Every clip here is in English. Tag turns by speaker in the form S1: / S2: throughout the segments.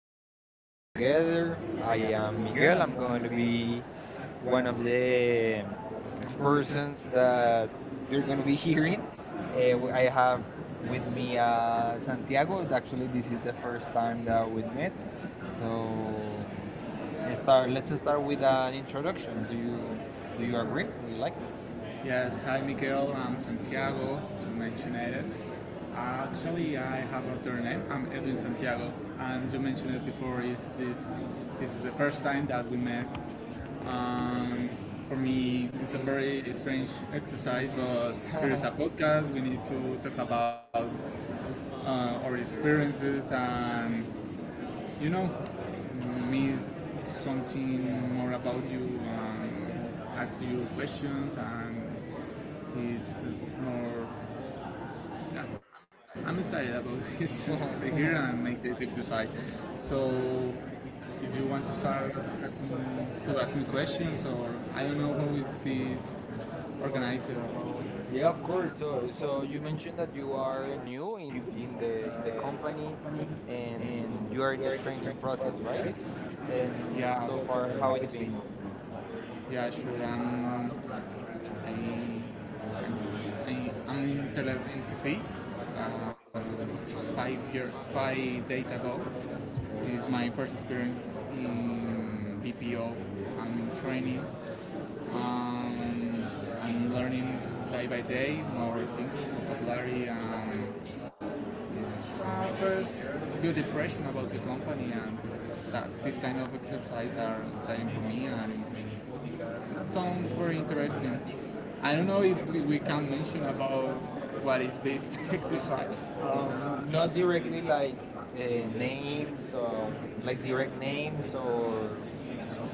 S1: podcast together. I am Miguel. I'm going to be one of the persons that you're going to be hearing. I have with me Santiago. Actually, this is the first time that we met. So, eh, start. Let's start with an introduction. Do you agree? Would you like? Yeah, of course. So, you mentioned that you are new in the company, and you are in the training process, right? And so far, how it's been? Not directly like names, or like direct names, or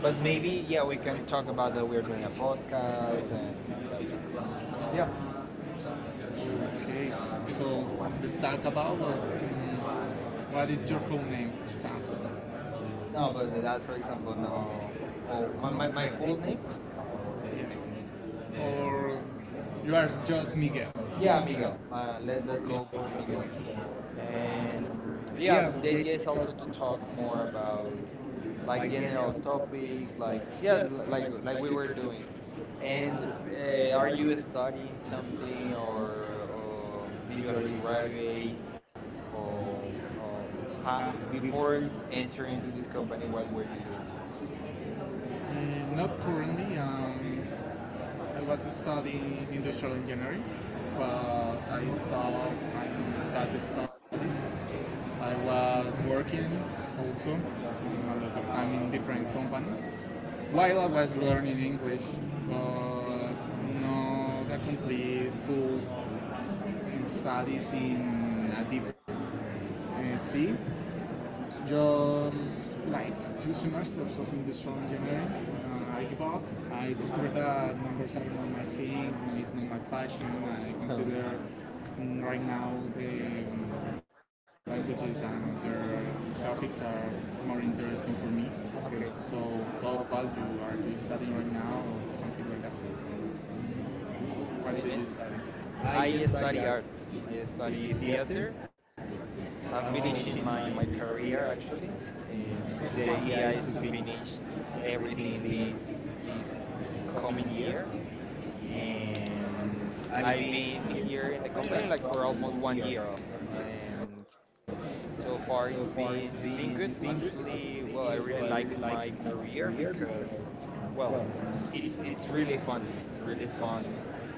S1: but maybe yeah, we can talk about that we're doing a podcast and that. Yeah, no, but that for example, no. Oh, my full name? Yeah, Miguel. Let's go for Miguel. And yeah, the idea is also to talk more about like general topics, like yeah, like we were doing. And are you studying something, or did you already graduate, or, or how, before entering to this company, what were you doing? Um, okay. Mm, cool, cool. And I study arts. I study theater. I'm finishing my career actually. Um, the idea is to finish everything this coming year. And I've been here in the company like for almost 1 year, and so far it's been good. Actually, well, I really like my career because, well, it's really fun and really fun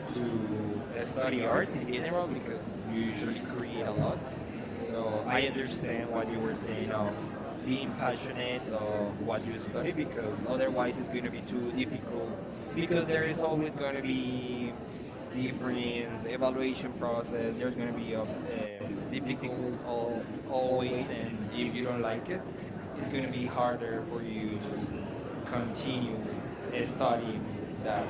S1: to study arts in general because you usually create a lot. So I understand what you were saying of being passionate of what you study because otherwise it's going to be too difficult because there is always going to be different evaluation process. There's going to be ups, difficult al- always, and if you don't like it it's going to be harder for you to continue studying that,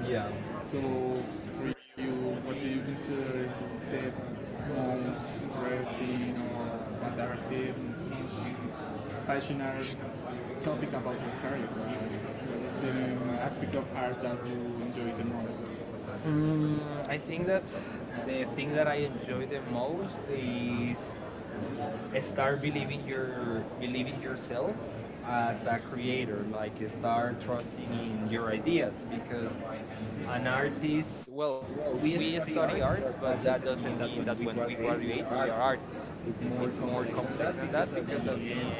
S1: yeah. Mm, I think that the thing that I enjoy the most is start believing your believing yourself as a creator, like you start trusting in your ideas because an artist, well, we study arts, but that doesn't mean that when we graduate we are artists. It's more complex than that because at the end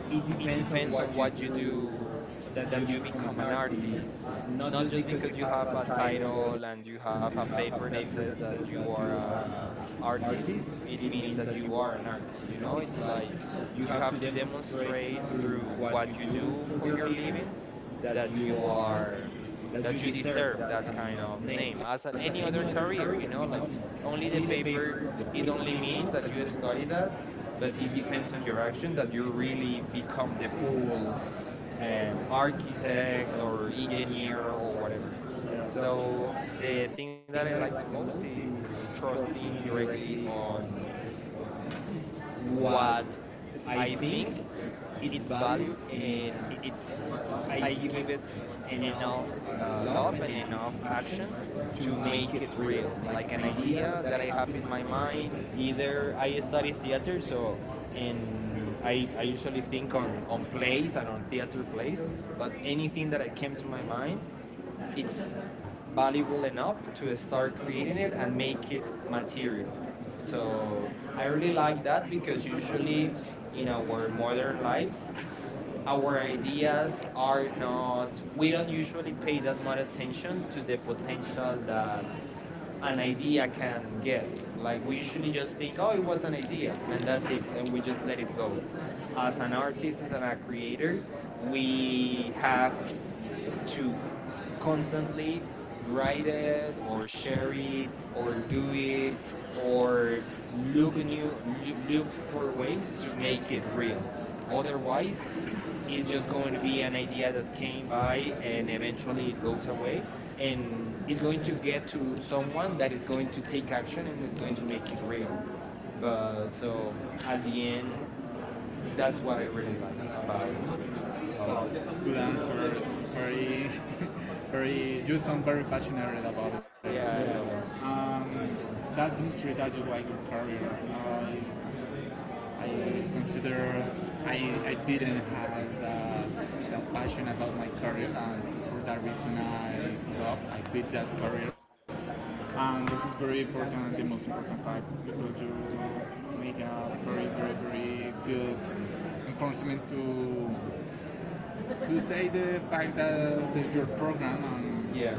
S1: it depends on what you do that you become an artist, not just because you have a title and you have a paper that says that you are a artist, it means that you are an artist, you know. It's like you have to demonstrate through what you do for your living that you are, that you deserve that kind of name as at any other career, you know, like only the paper, it only means that you study that, but it depends on your action that you really become the full architect or engineer or whatever. So the thing that I like the most is trusting directly on what I think its value and its I give it enough love and enough action to make it real. Like an idea that I have in my mind. Either I study theater, so and I usually think on plays and on theater plays. But anything that I came to my mind, it's valuable enough to start creating it and make it material. So I really like that because usually in our modern life our ideas are not, we don't usually pay that much attention to the potential that an idea can get, like we usually just think, oh, it was an idea and that's it, and we just let it go. As an artist, as a creator, we have to constantly write it or share it or do it or look for ways to make it real, otherwise it's just going to be an idea that came by and eventually it goes away and it's going to get to someone that is going to take action and is going to make it real. But so at the end, that's what I really like about art. Yeah, I love it. Yeah.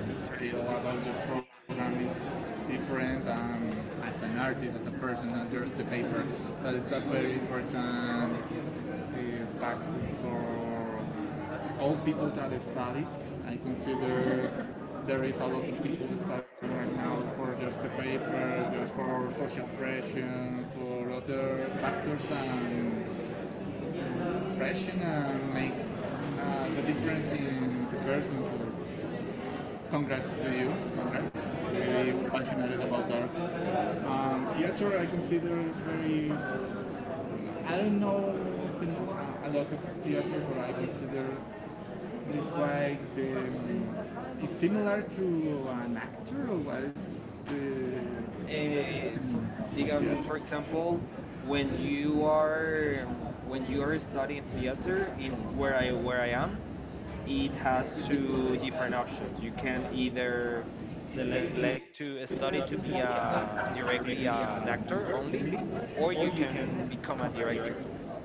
S1: Eh, for, for example, when you are when you are studying theater in where I am, it has two different options. You can either select to study to be a, directly an actor only, or you can become a director.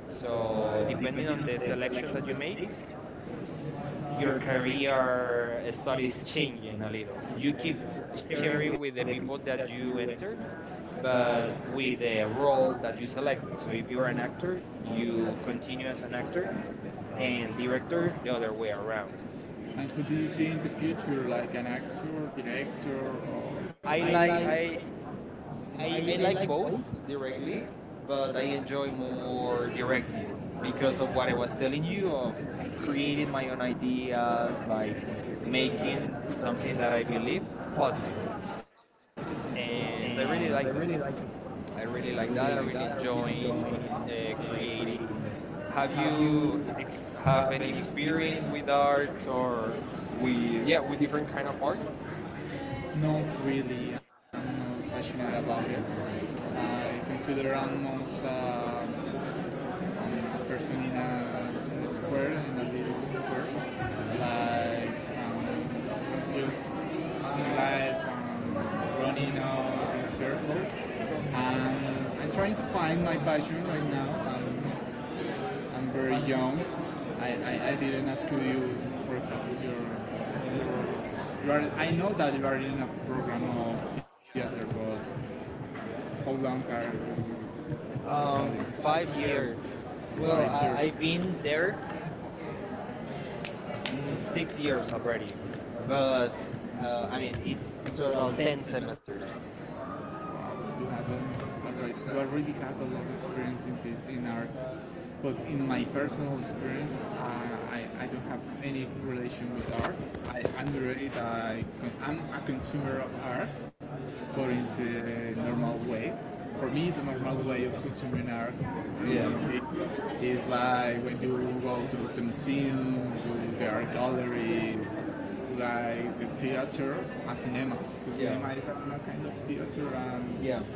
S1: So depending on the selection that you make, your career studies changing a little. You keep sharing with the people that you enter, but with the role that you selected. So if you are an actor, you continue as an actor, and director the other way around. I like I I like both directly, but I enjoy more directing because of what I was telling you of creating my own ideas, like making something that I believe possible. And I really like that. I really like that. I really enjoying creating. Have you have any experience with arts or with yeah with different kind of arts? 5 years. Well, I've been there. Mm, 6 years already, but I mean it's in total 10 semesters. Yeah. Yeah. Yeah.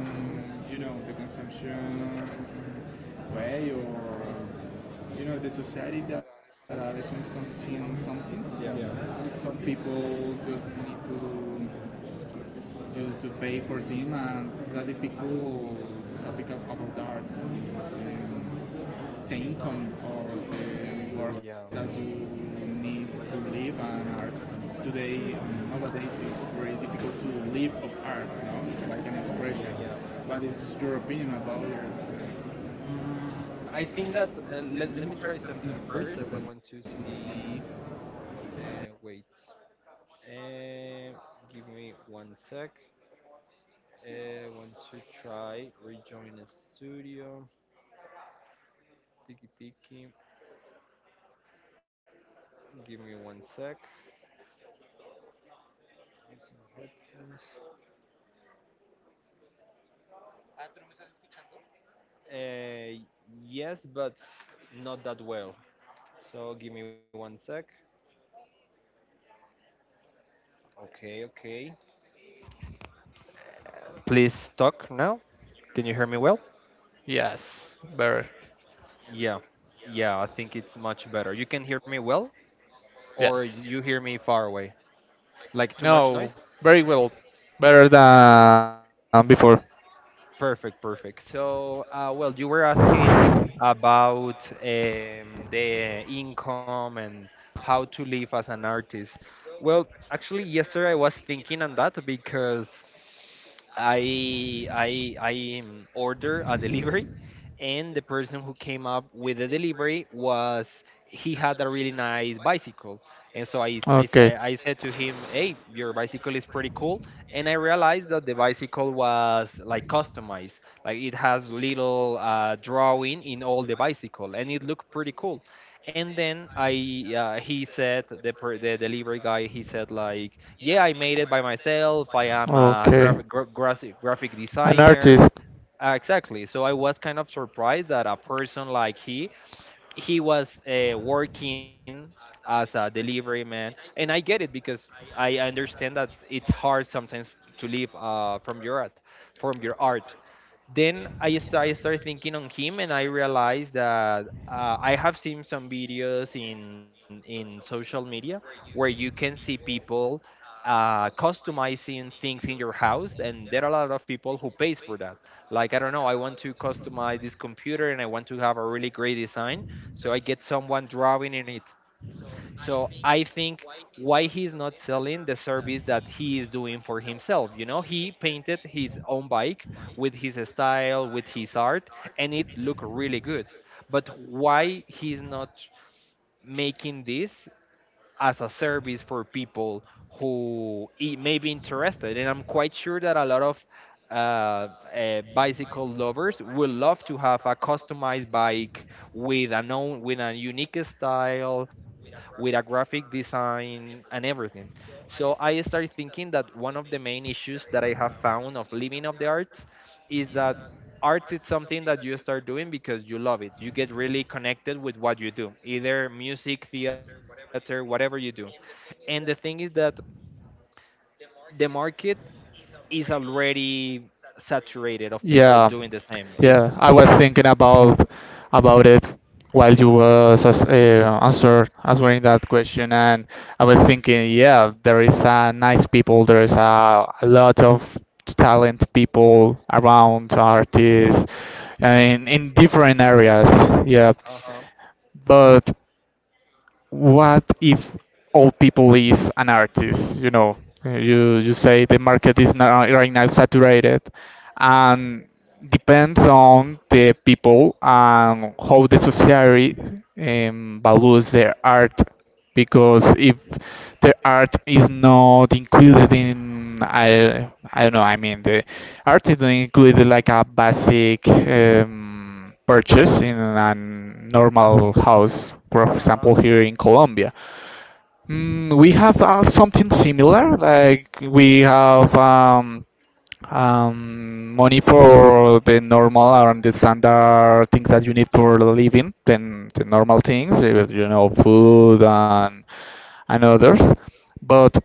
S1: Mhm. Yeah. Yeah. Yeah. Mm, I think that let me try something first. I want to see. Wait. Uh, give me one sec. I want to try rejoin the studio. Tiki tiki. Give me one sec. Using headphones. Uh, yes, but not that well. So give me one sec. Okay, okay. Please talk now. Can you hear me well?
S2: Yes, better.
S1: Yeah, yeah. I think it's much better. You can hear me well. Or
S2: Yes.
S1: you hear me far away? Like too much noise?
S2: No, very well. Better than before.
S1: Perfect, perfect. So, well, you were asking about the income and how to live as an artist. Well, actually, yesterday I was thinking on that because I order a delivery, and the person who came up with the delivery was he had a really nice bicycle, and so I said to him, "Hey, your bicycle is pretty cool," and I realized that the bicycle was like customized, like it has little drawing in all the bicycle, and it looked pretty cool. And then I he said the delivery guy he said like yeah, I made it by myself. I am a graphic gra- graphic graphic designer.
S2: Artist.
S1: Exactly. So I was kind of surprised that a person like he was working as a delivery man, and I get it because I understand that it's hard sometimes to live from your art, from your art then I started thinking on him, and I realized that I have seen some videos in social media where you can see people customizing things in your house, and there are a lot of people who pays for that. Like I don't know, I want to customize this computer, and I want to have a really great design, so I get someone drawing in it. So I think why he's not selling the service that he is doing for himself. You know, he painted his own bike with his style, with his art, and it looked really good. But why he's not making this as a service for people who it may be interested. And I'm quite sure that a lot of uh, bicycle lovers would love to have a customized bike with a known, with a unique style, with a graphic design and everything. So I started thinking that one of the main issues that I have found of living of the arts is that art is something that you start doing because you love it. You get really connected with what you do, either music, theater, whatever you do. And the thing is that the market is already saturated of people doing
S2: Yeah,
S1: the same. It's
S2: yeah. I was thinking about it while you was as- answer answering that question, and I was thinking, yeah, there is nice people. There is a lot of talent people around, artists, in different areas. Yeah,
S1: uh-huh.
S2: but what if all people is an artist? You say the market is not right now saturated, and depends on the people and how the society values their art, because if the art is not included in I don't know I mean the art is not included like a basic purchase in a normal house, for
S1: Uh-huh.
S2: example, here in Colombia. We have something similar, like we have money for the normal and the standard things that you need for living, then the normal things, eh, you know, food and others. But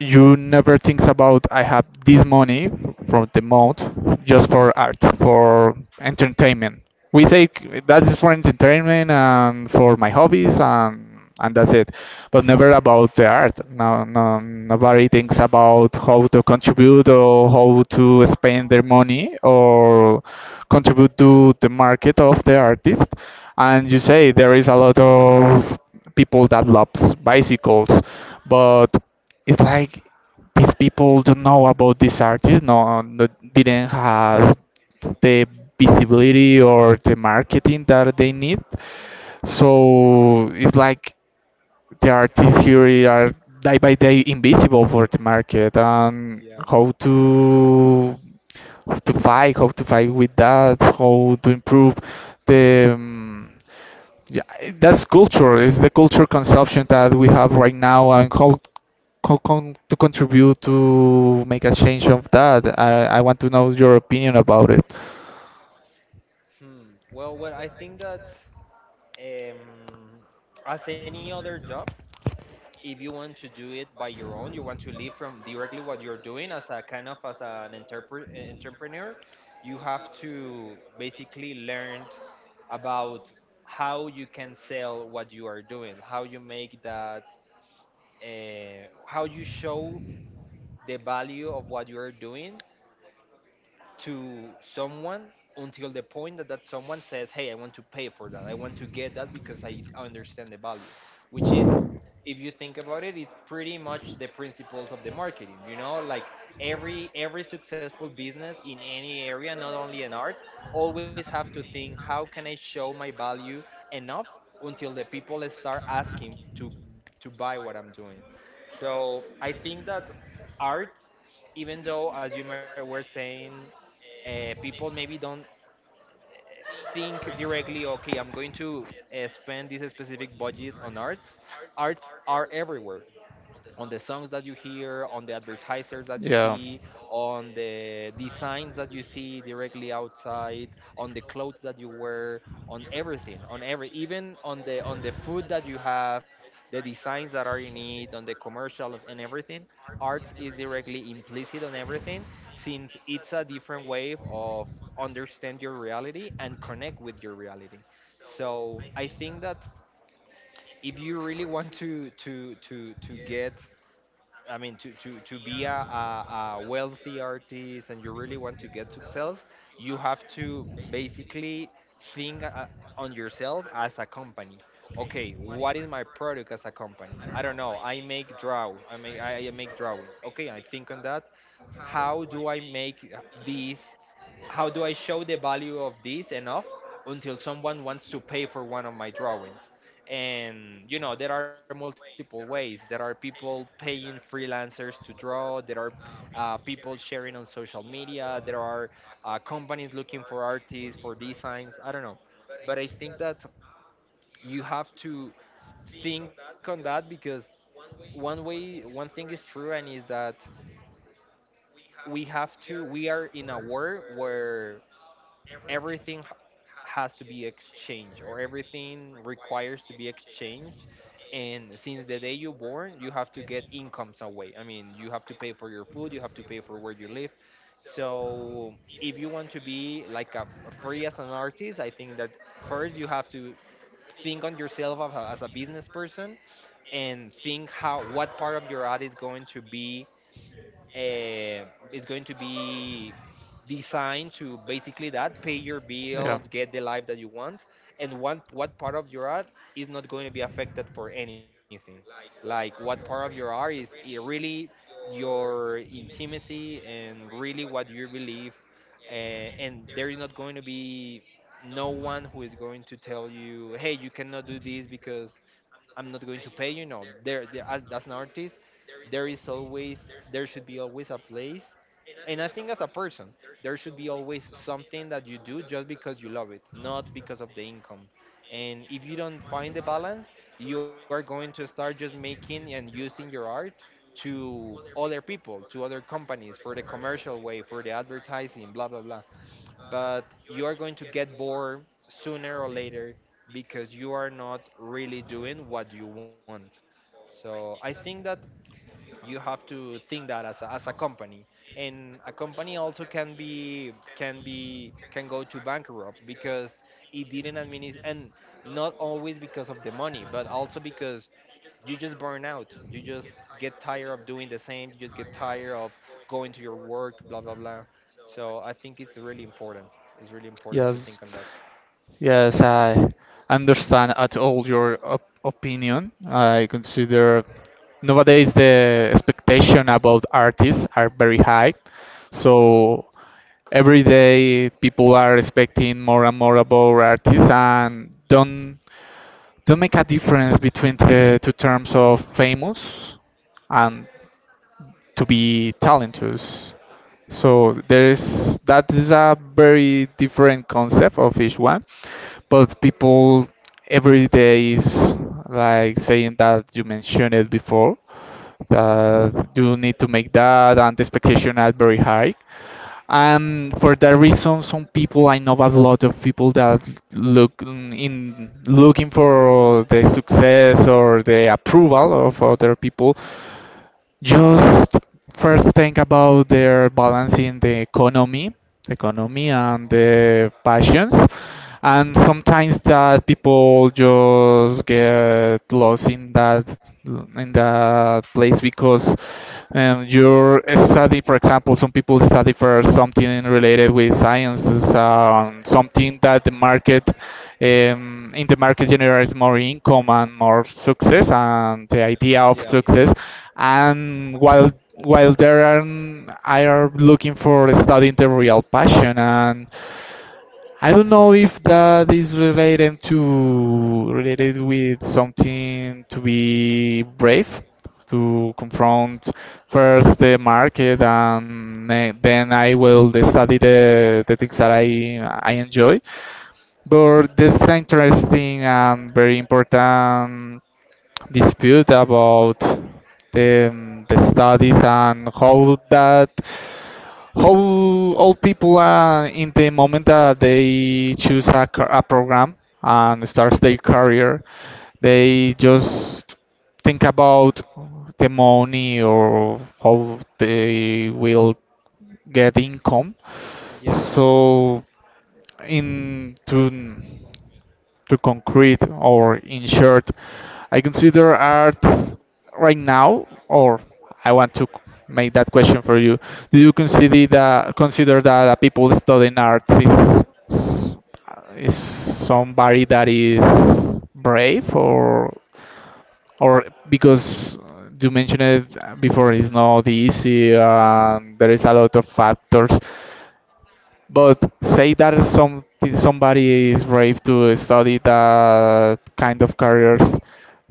S2: you never thinks about, I have this money from the month just for art, for entertainment. We say, That is for entertainment and for my hobbies and that's it," but never about the art. No, no, nobody thinks about how to contribute or how to spend their money or contribute to the market of the artist. And you say there is a lot of people that loves bicycles, but it's like these people don't know about this artist, didn't have the visibility or the marketing that they need, so it's like the artists here are day by day invisible for the market. And
S1: Yeah.
S2: how to, how to fight with that, how to improve the yeah, that's culture. It's the culture
S1: Yeah.
S2: consumption that we have right now, and how con to contribute to make a change of that. I want to know your opinion about it.
S1: Hmm. Well, what I think that um as any other job, if you want to do it by your own, you want to live from directly what you're doing as a kind of as an entrepreneur, you have to basically learn about how you can sell what you are doing, how you make that how you show the value of what you are doing to someone until the point that that someone says, "Hey, I want to pay for that. I want to get that because I understand the value," which is if you think about it, it's pretty much the principles of the marketing. You know, like every successful business in any area, not only in arts, always have to think how can I show my value enough until the people start asking to buy what I'm doing. So I think that art, even though as were saying, people maybe don't think directly, okay, I'm going to spend this specific budget on art. Arts are everywhere, on the songs that you hear, on the advertisers that you
S2: Yeah.
S1: see, on the designs that you see directly outside, on the clothes that you wear, on everything, on every even on the food that you have, the designs that are in it, on the commercials and everything. Arts is directly implicit on everything, since it's a different way of understand your reality and connect with your reality. So I think that if you really want to get, I mean, to be a wealthy artist and you really want to get success, you have to basically think on yourself as a company. Okay, what is my product as a company? I don't know. I make draw. I make drawings. Okay, I think on that. How do I make these? How do I show the value of this enough until someone wants to pay for one of my drawings? And you know there are multiple ways. There are people paying freelancers to draw. There are people sharing on social media. There are companies looking for artists for designs, I don't know. But I think that you have to think on that, because one thing is true, and is that we have to we are in a world where everything h- has to be exchanged, or everything requires to be exchanged. And since the day you born, you have to get income some way. I mean, you have to pay for your food, you have to pay for where you live. So if you want to be like free as an artist, I think that first you have to think on yourself as a business person, and think how what part of your art is going to be uh, is going to be designed to basically that pay your
S2: Yeah.
S1: bills, get the life that you want. And what part of your art is not going to be affected for anything. Like what part of your art really your intimacy and really what you believe, uh, and there is not going to be no one who is going to tell you, hey, you cannot do this because I'm not going to pay you. No, as an artist, there is always there should be always a place. And I think as a person, there should be always something that you do just because you love it, not because of the income. And if you don't find the balance, you are going to start just making and using your art to other people, to other companies, for the commercial way, for the advertising, blah blah blah. But you are going to get bored sooner or later, because you are not really doing what you want. So I think that you have to think that as a company. And a company also can be can go to bankrupt because it didn't administer. And not always because of the money, but also because you just burn out, you just get tired of doing the same, you just get tired of going to your work, blah blah blah. So I think it's really important, it's really important to
S2: Yes,
S1: think on that.
S2: yes, I understand at all your opinion. I consider nowadays the expectation about artists are very high. So every day people are expecting more and more about artists, and don't to make a difference between the two terms of famous and to be talented. So there is, that is a very different concept of each one, but people every day is, like saying that you mentioned it before, that you need to make that, and the expectation are very high. And for that reason, some people — I know a lot of people that look in looking for the success or the approval of other people, just first think about their balancing the economy, economy and the passions, and sometimes that people just get lost in that, in that place, because your study, for example, some people study for something related with sciences, something that the market in the market generates more income and more success and the
S1: Yeah,
S2: idea of success. And while there are, I are looking for studying the real passion, and I don't know if that is related to related with something to be brave, to confront first the market, and then I will study the things that I enjoy. But this is interesting and very important dispute about the studies, and how that, how old people are in the moment that they choose a, a program and starts their career, they just think about the money or how they will get income.
S1: yeah.
S2: So in to concrete or in short, I consider art right now, or I want to make that question for you: do you consider that a people studying art is somebody that is brave? Or because you mentioned it before, it's not easy and there is a lot of factors. But say that some, somebody is brave to study that kind of careers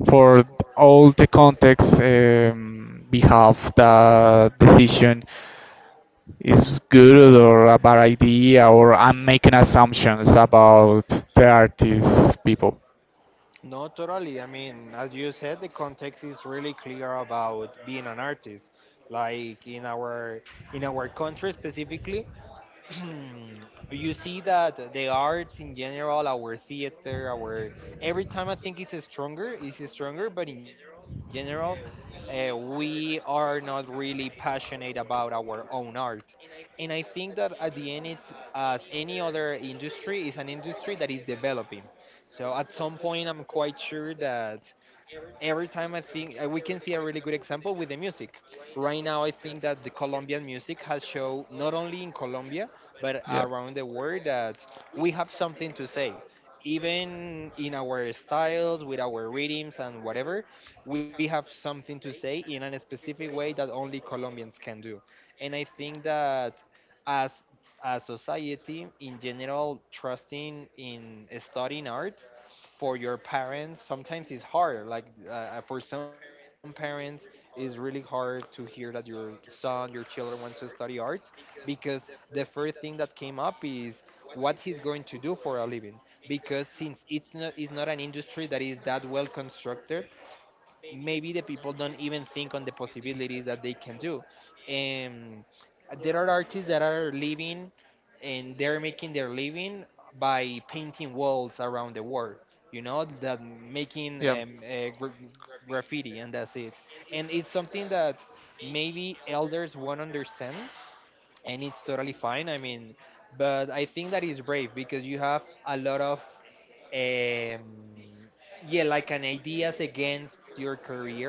S2: for all the context, we have the decision is good or a bad idea, or I'm making assumptions about the artist people.
S1: No, totally. I mean, as you said, the context is really clear about being an artist. Like in our country specifically, you
S2: You see
S1: see
S2: that
S1: that the
S2: the arts
S1: arts in
S2: in general,
S1: general,
S2: our
S1: our theater,
S2: work,
S1: our every
S2: every time
S1: time I
S2: I think
S1: think it's
S2: it's
S1: stronger,
S2: stronger,
S1: it's
S2: it's stronger.
S1: stronger.
S2: But
S1: But
S2: in
S1: in
S2: general,
S1: general,
S2: we are
S1: we
S2: really
S1: are not really passionate
S2: passionate
S1: about
S2: about our work,
S1: our
S2: our
S1: own
S2: art.
S1: art,
S2: And
S1: and
S2: I
S1: I
S2: think
S1: think that
S2: that, as
S1: at the end, it's as
S2: any
S1: any other
S2: other industry,
S1: industry,
S2: is
S1: is an
S2: an industry
S1: industry
S2: that
S1: that
S2: is
S1: is developing.
S2: developing.
S1: So
S2: At
S1: at some point, I'm
S2: some —
S1: quite sure that every time I think we can see a really good example with the music. Right now, I think that the Colombian music has shown not only in Colombia but around the world that we have something to say. Even in our styles, with our rhythms and whatever, we have something to say in a specific way that only Colombians can do. And I think that as a society in general, trusting in studying arts for your parents sometimes is hard. Like for some parents, it's really hard to hear that your son, your children want to study arts, because the first thing that came up is what he's going to do for a living, because since it's not an industry that is that well constructed. Maybe the people don't even think on the possibilities that they can do. And there are artists that are living, and they're making their living by painting walls around the world, you know, that making graffiti, and that's it. And it's something that maybe elders won't understand, and it's totally fine. I mean, but I think that is brave because you have a lot of, um, yeah, like an ideas against your career.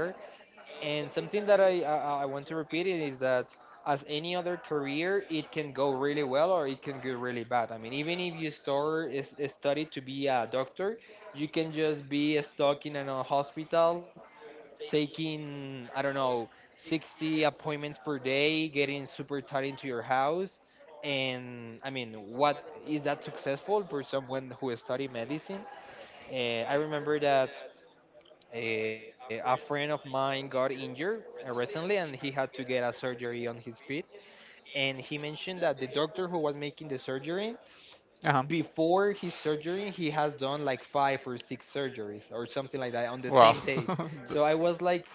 S1: And something that I want to repeat it is that as any other career, it can go really well or it can go really bad. I mean, even if you start is study to be a doctor, you can just be stuck in a hospital taking, I don't know, 60 appointments per day, getting super tired into your house. And I mean, what is that successful for someone who study medicine? Uh, I remember that a friend of mine got injured recently, and he had to get a surgery on his feet. And he mentioned that the doctor who was making the surgery,
S2: uh huh.
S1: before his surgery, he has done like five or six surgeries or something like that on the same day. So I was like,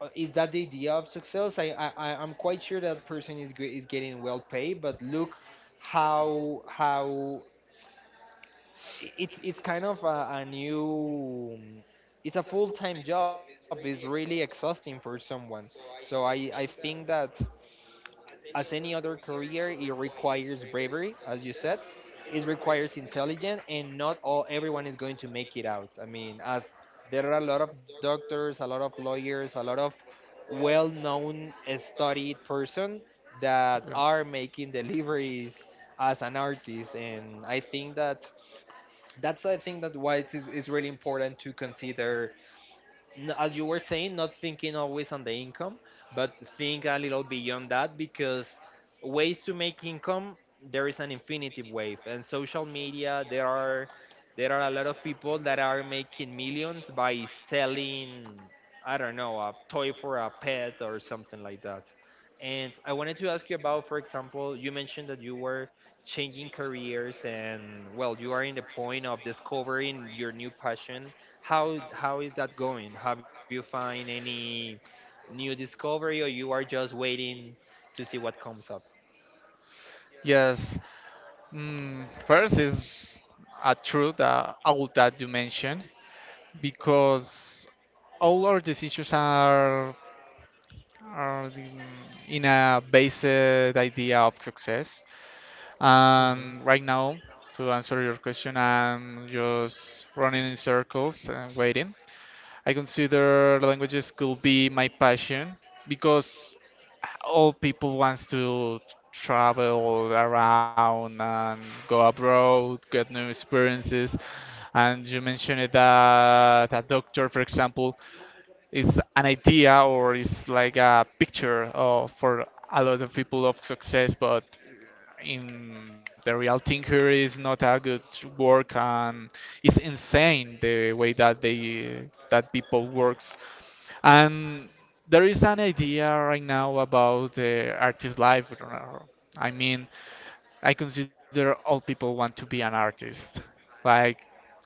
S1: is that the idea of success? I'm quite sure that person is getting well paid, but look how it's kind of a new it's a full time job. It's really exhausting for someone. So I think that as any other career, it requires bravery, as you said. It requires intelligence, and not all everyone is going to make it out. I mean, as there are a lot of doctors, a lot of lawyers, a lot of well-known, studied person that are making deliveries as an artist. And I think that that's I think that why it is really important to consider, as you were saying, not thinking always on the income, but think a little beyond that. Because ways to make income, there is an infinity wave. And social media, there are a lot of people that are making millions by selling, I don't know, a toy for a pet or something like that. And I wanted to ask you about, for example, you mentioned that you were changing careers, and well, you are in the point of discovering your new passion. How is that going? Have you find any new discovery, or you are just waiting to see what comes up?
S2: Yes, first is a truth that all that you mentioned, because all our decisions are in a based idea of success.
S1: Hmm.
S2: And right now, to answer your question, I'm just running in circles and waiting. I consider languages could be my passion, because all people wants to travel around and go abroad, get new experiences. And you mentioned it that a doctor, for example, is an idea or is like a picture of, for a lot of people of success, but in the real thing here is not a good work, and it's insane the way that they, that people works. And there is an idea right now about the artist life. I mean, I consider all people want to be an artist. Like,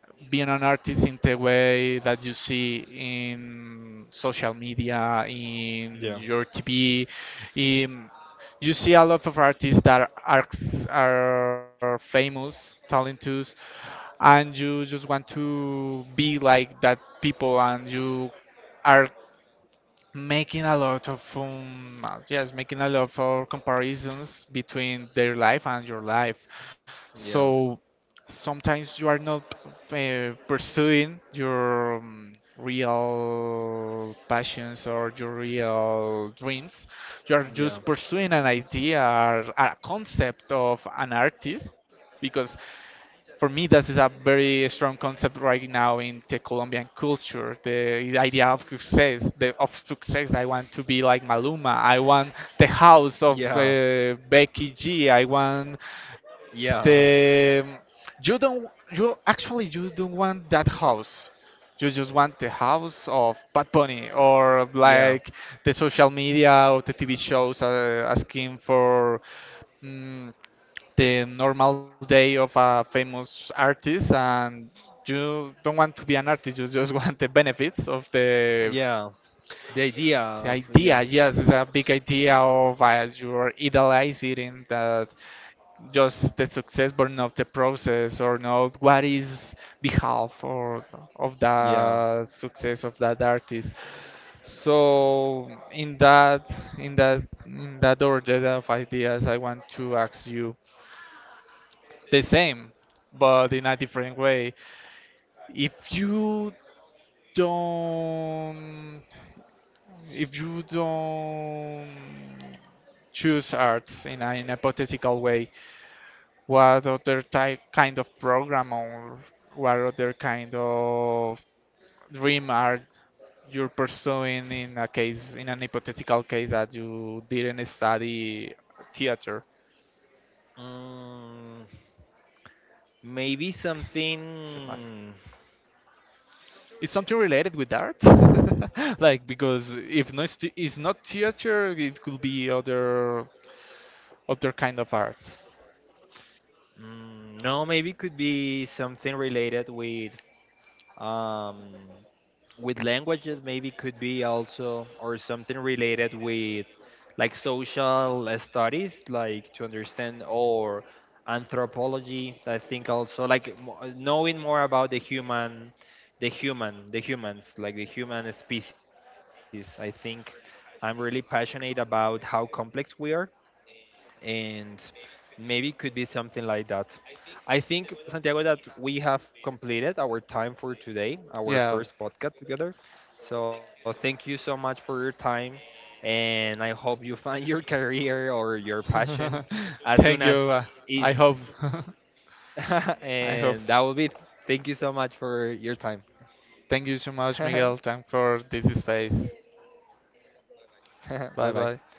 S2: being an artist in the way that you see in social media, in
S1: Yeah,
S2: your TV. In, you see a lot of artists that are famous, talented, and you just want to be like that people, and you are making a lot of yes, making a lot of comparisons between their life and your life. So
S1: yeah,
S2: sometimes you are not pursuing your real passions or your real dreams. You are just
S1: yeah,
S2: pursuing an idea or a concept of an artist, because for me that is a very strong concept right now in the Colombian culture. The idea of success, the of success. I want to be like Maluma. I want the house of
S1: yeah,
S2: Becky G. I want the.
S1: yeah,
S2: You don't. You actually, you don't want that house. You just want the house of Bad Bunny, or
S1: yeah,
S2: like the social media or the TV shows asking for. mm the normal day of a famous artist, and you don't want to be an artist, you just want the benefits of
S1: yeah. The idea
S2: the
S1: of, yeah,
S2: idea. Yes, it's a big idea of you're idealizing that, just the success, but not the process or not what is behalf or of
S1: yeah.
S2: the success of that artist. So in that, in that order of ideas, I want to ask you the same, but in a different way. If you don't, if you don't choose arts in an hypothetical way, what other type, kind of program, or what other kind of dream are, you're pursuing in a case, in an hypothetical case that you didn't study theater?
S1: Mm, maybe something.
S2: It's something related with art? Like, because if no, it's, it's not theater, it could be other, other kind of art.
S1: Mm, no, maybe could be something related um with languages, maybe could be also, or something related with like social studies, like to understand or anthropology, I think also, like knowing more about the human the humans, like the human species. I think I'm really passionate about how complex we are, and maybe could be something like that. I think, Santiago, that we have completed our time for today, our first
S2: Yeah.
S1: podcast together. So thank you so much for your time, and I hope you find your career or your passion as soon as
S2: Thank you.
S1: is.
S2: I hope. I
S1: And
S2: hope.
S1: that will be. It. Thank you so much for your time.
S2: Thank you so much, Miguel. Thank for this space.
S1: Bye bye.
S2: Bye bye.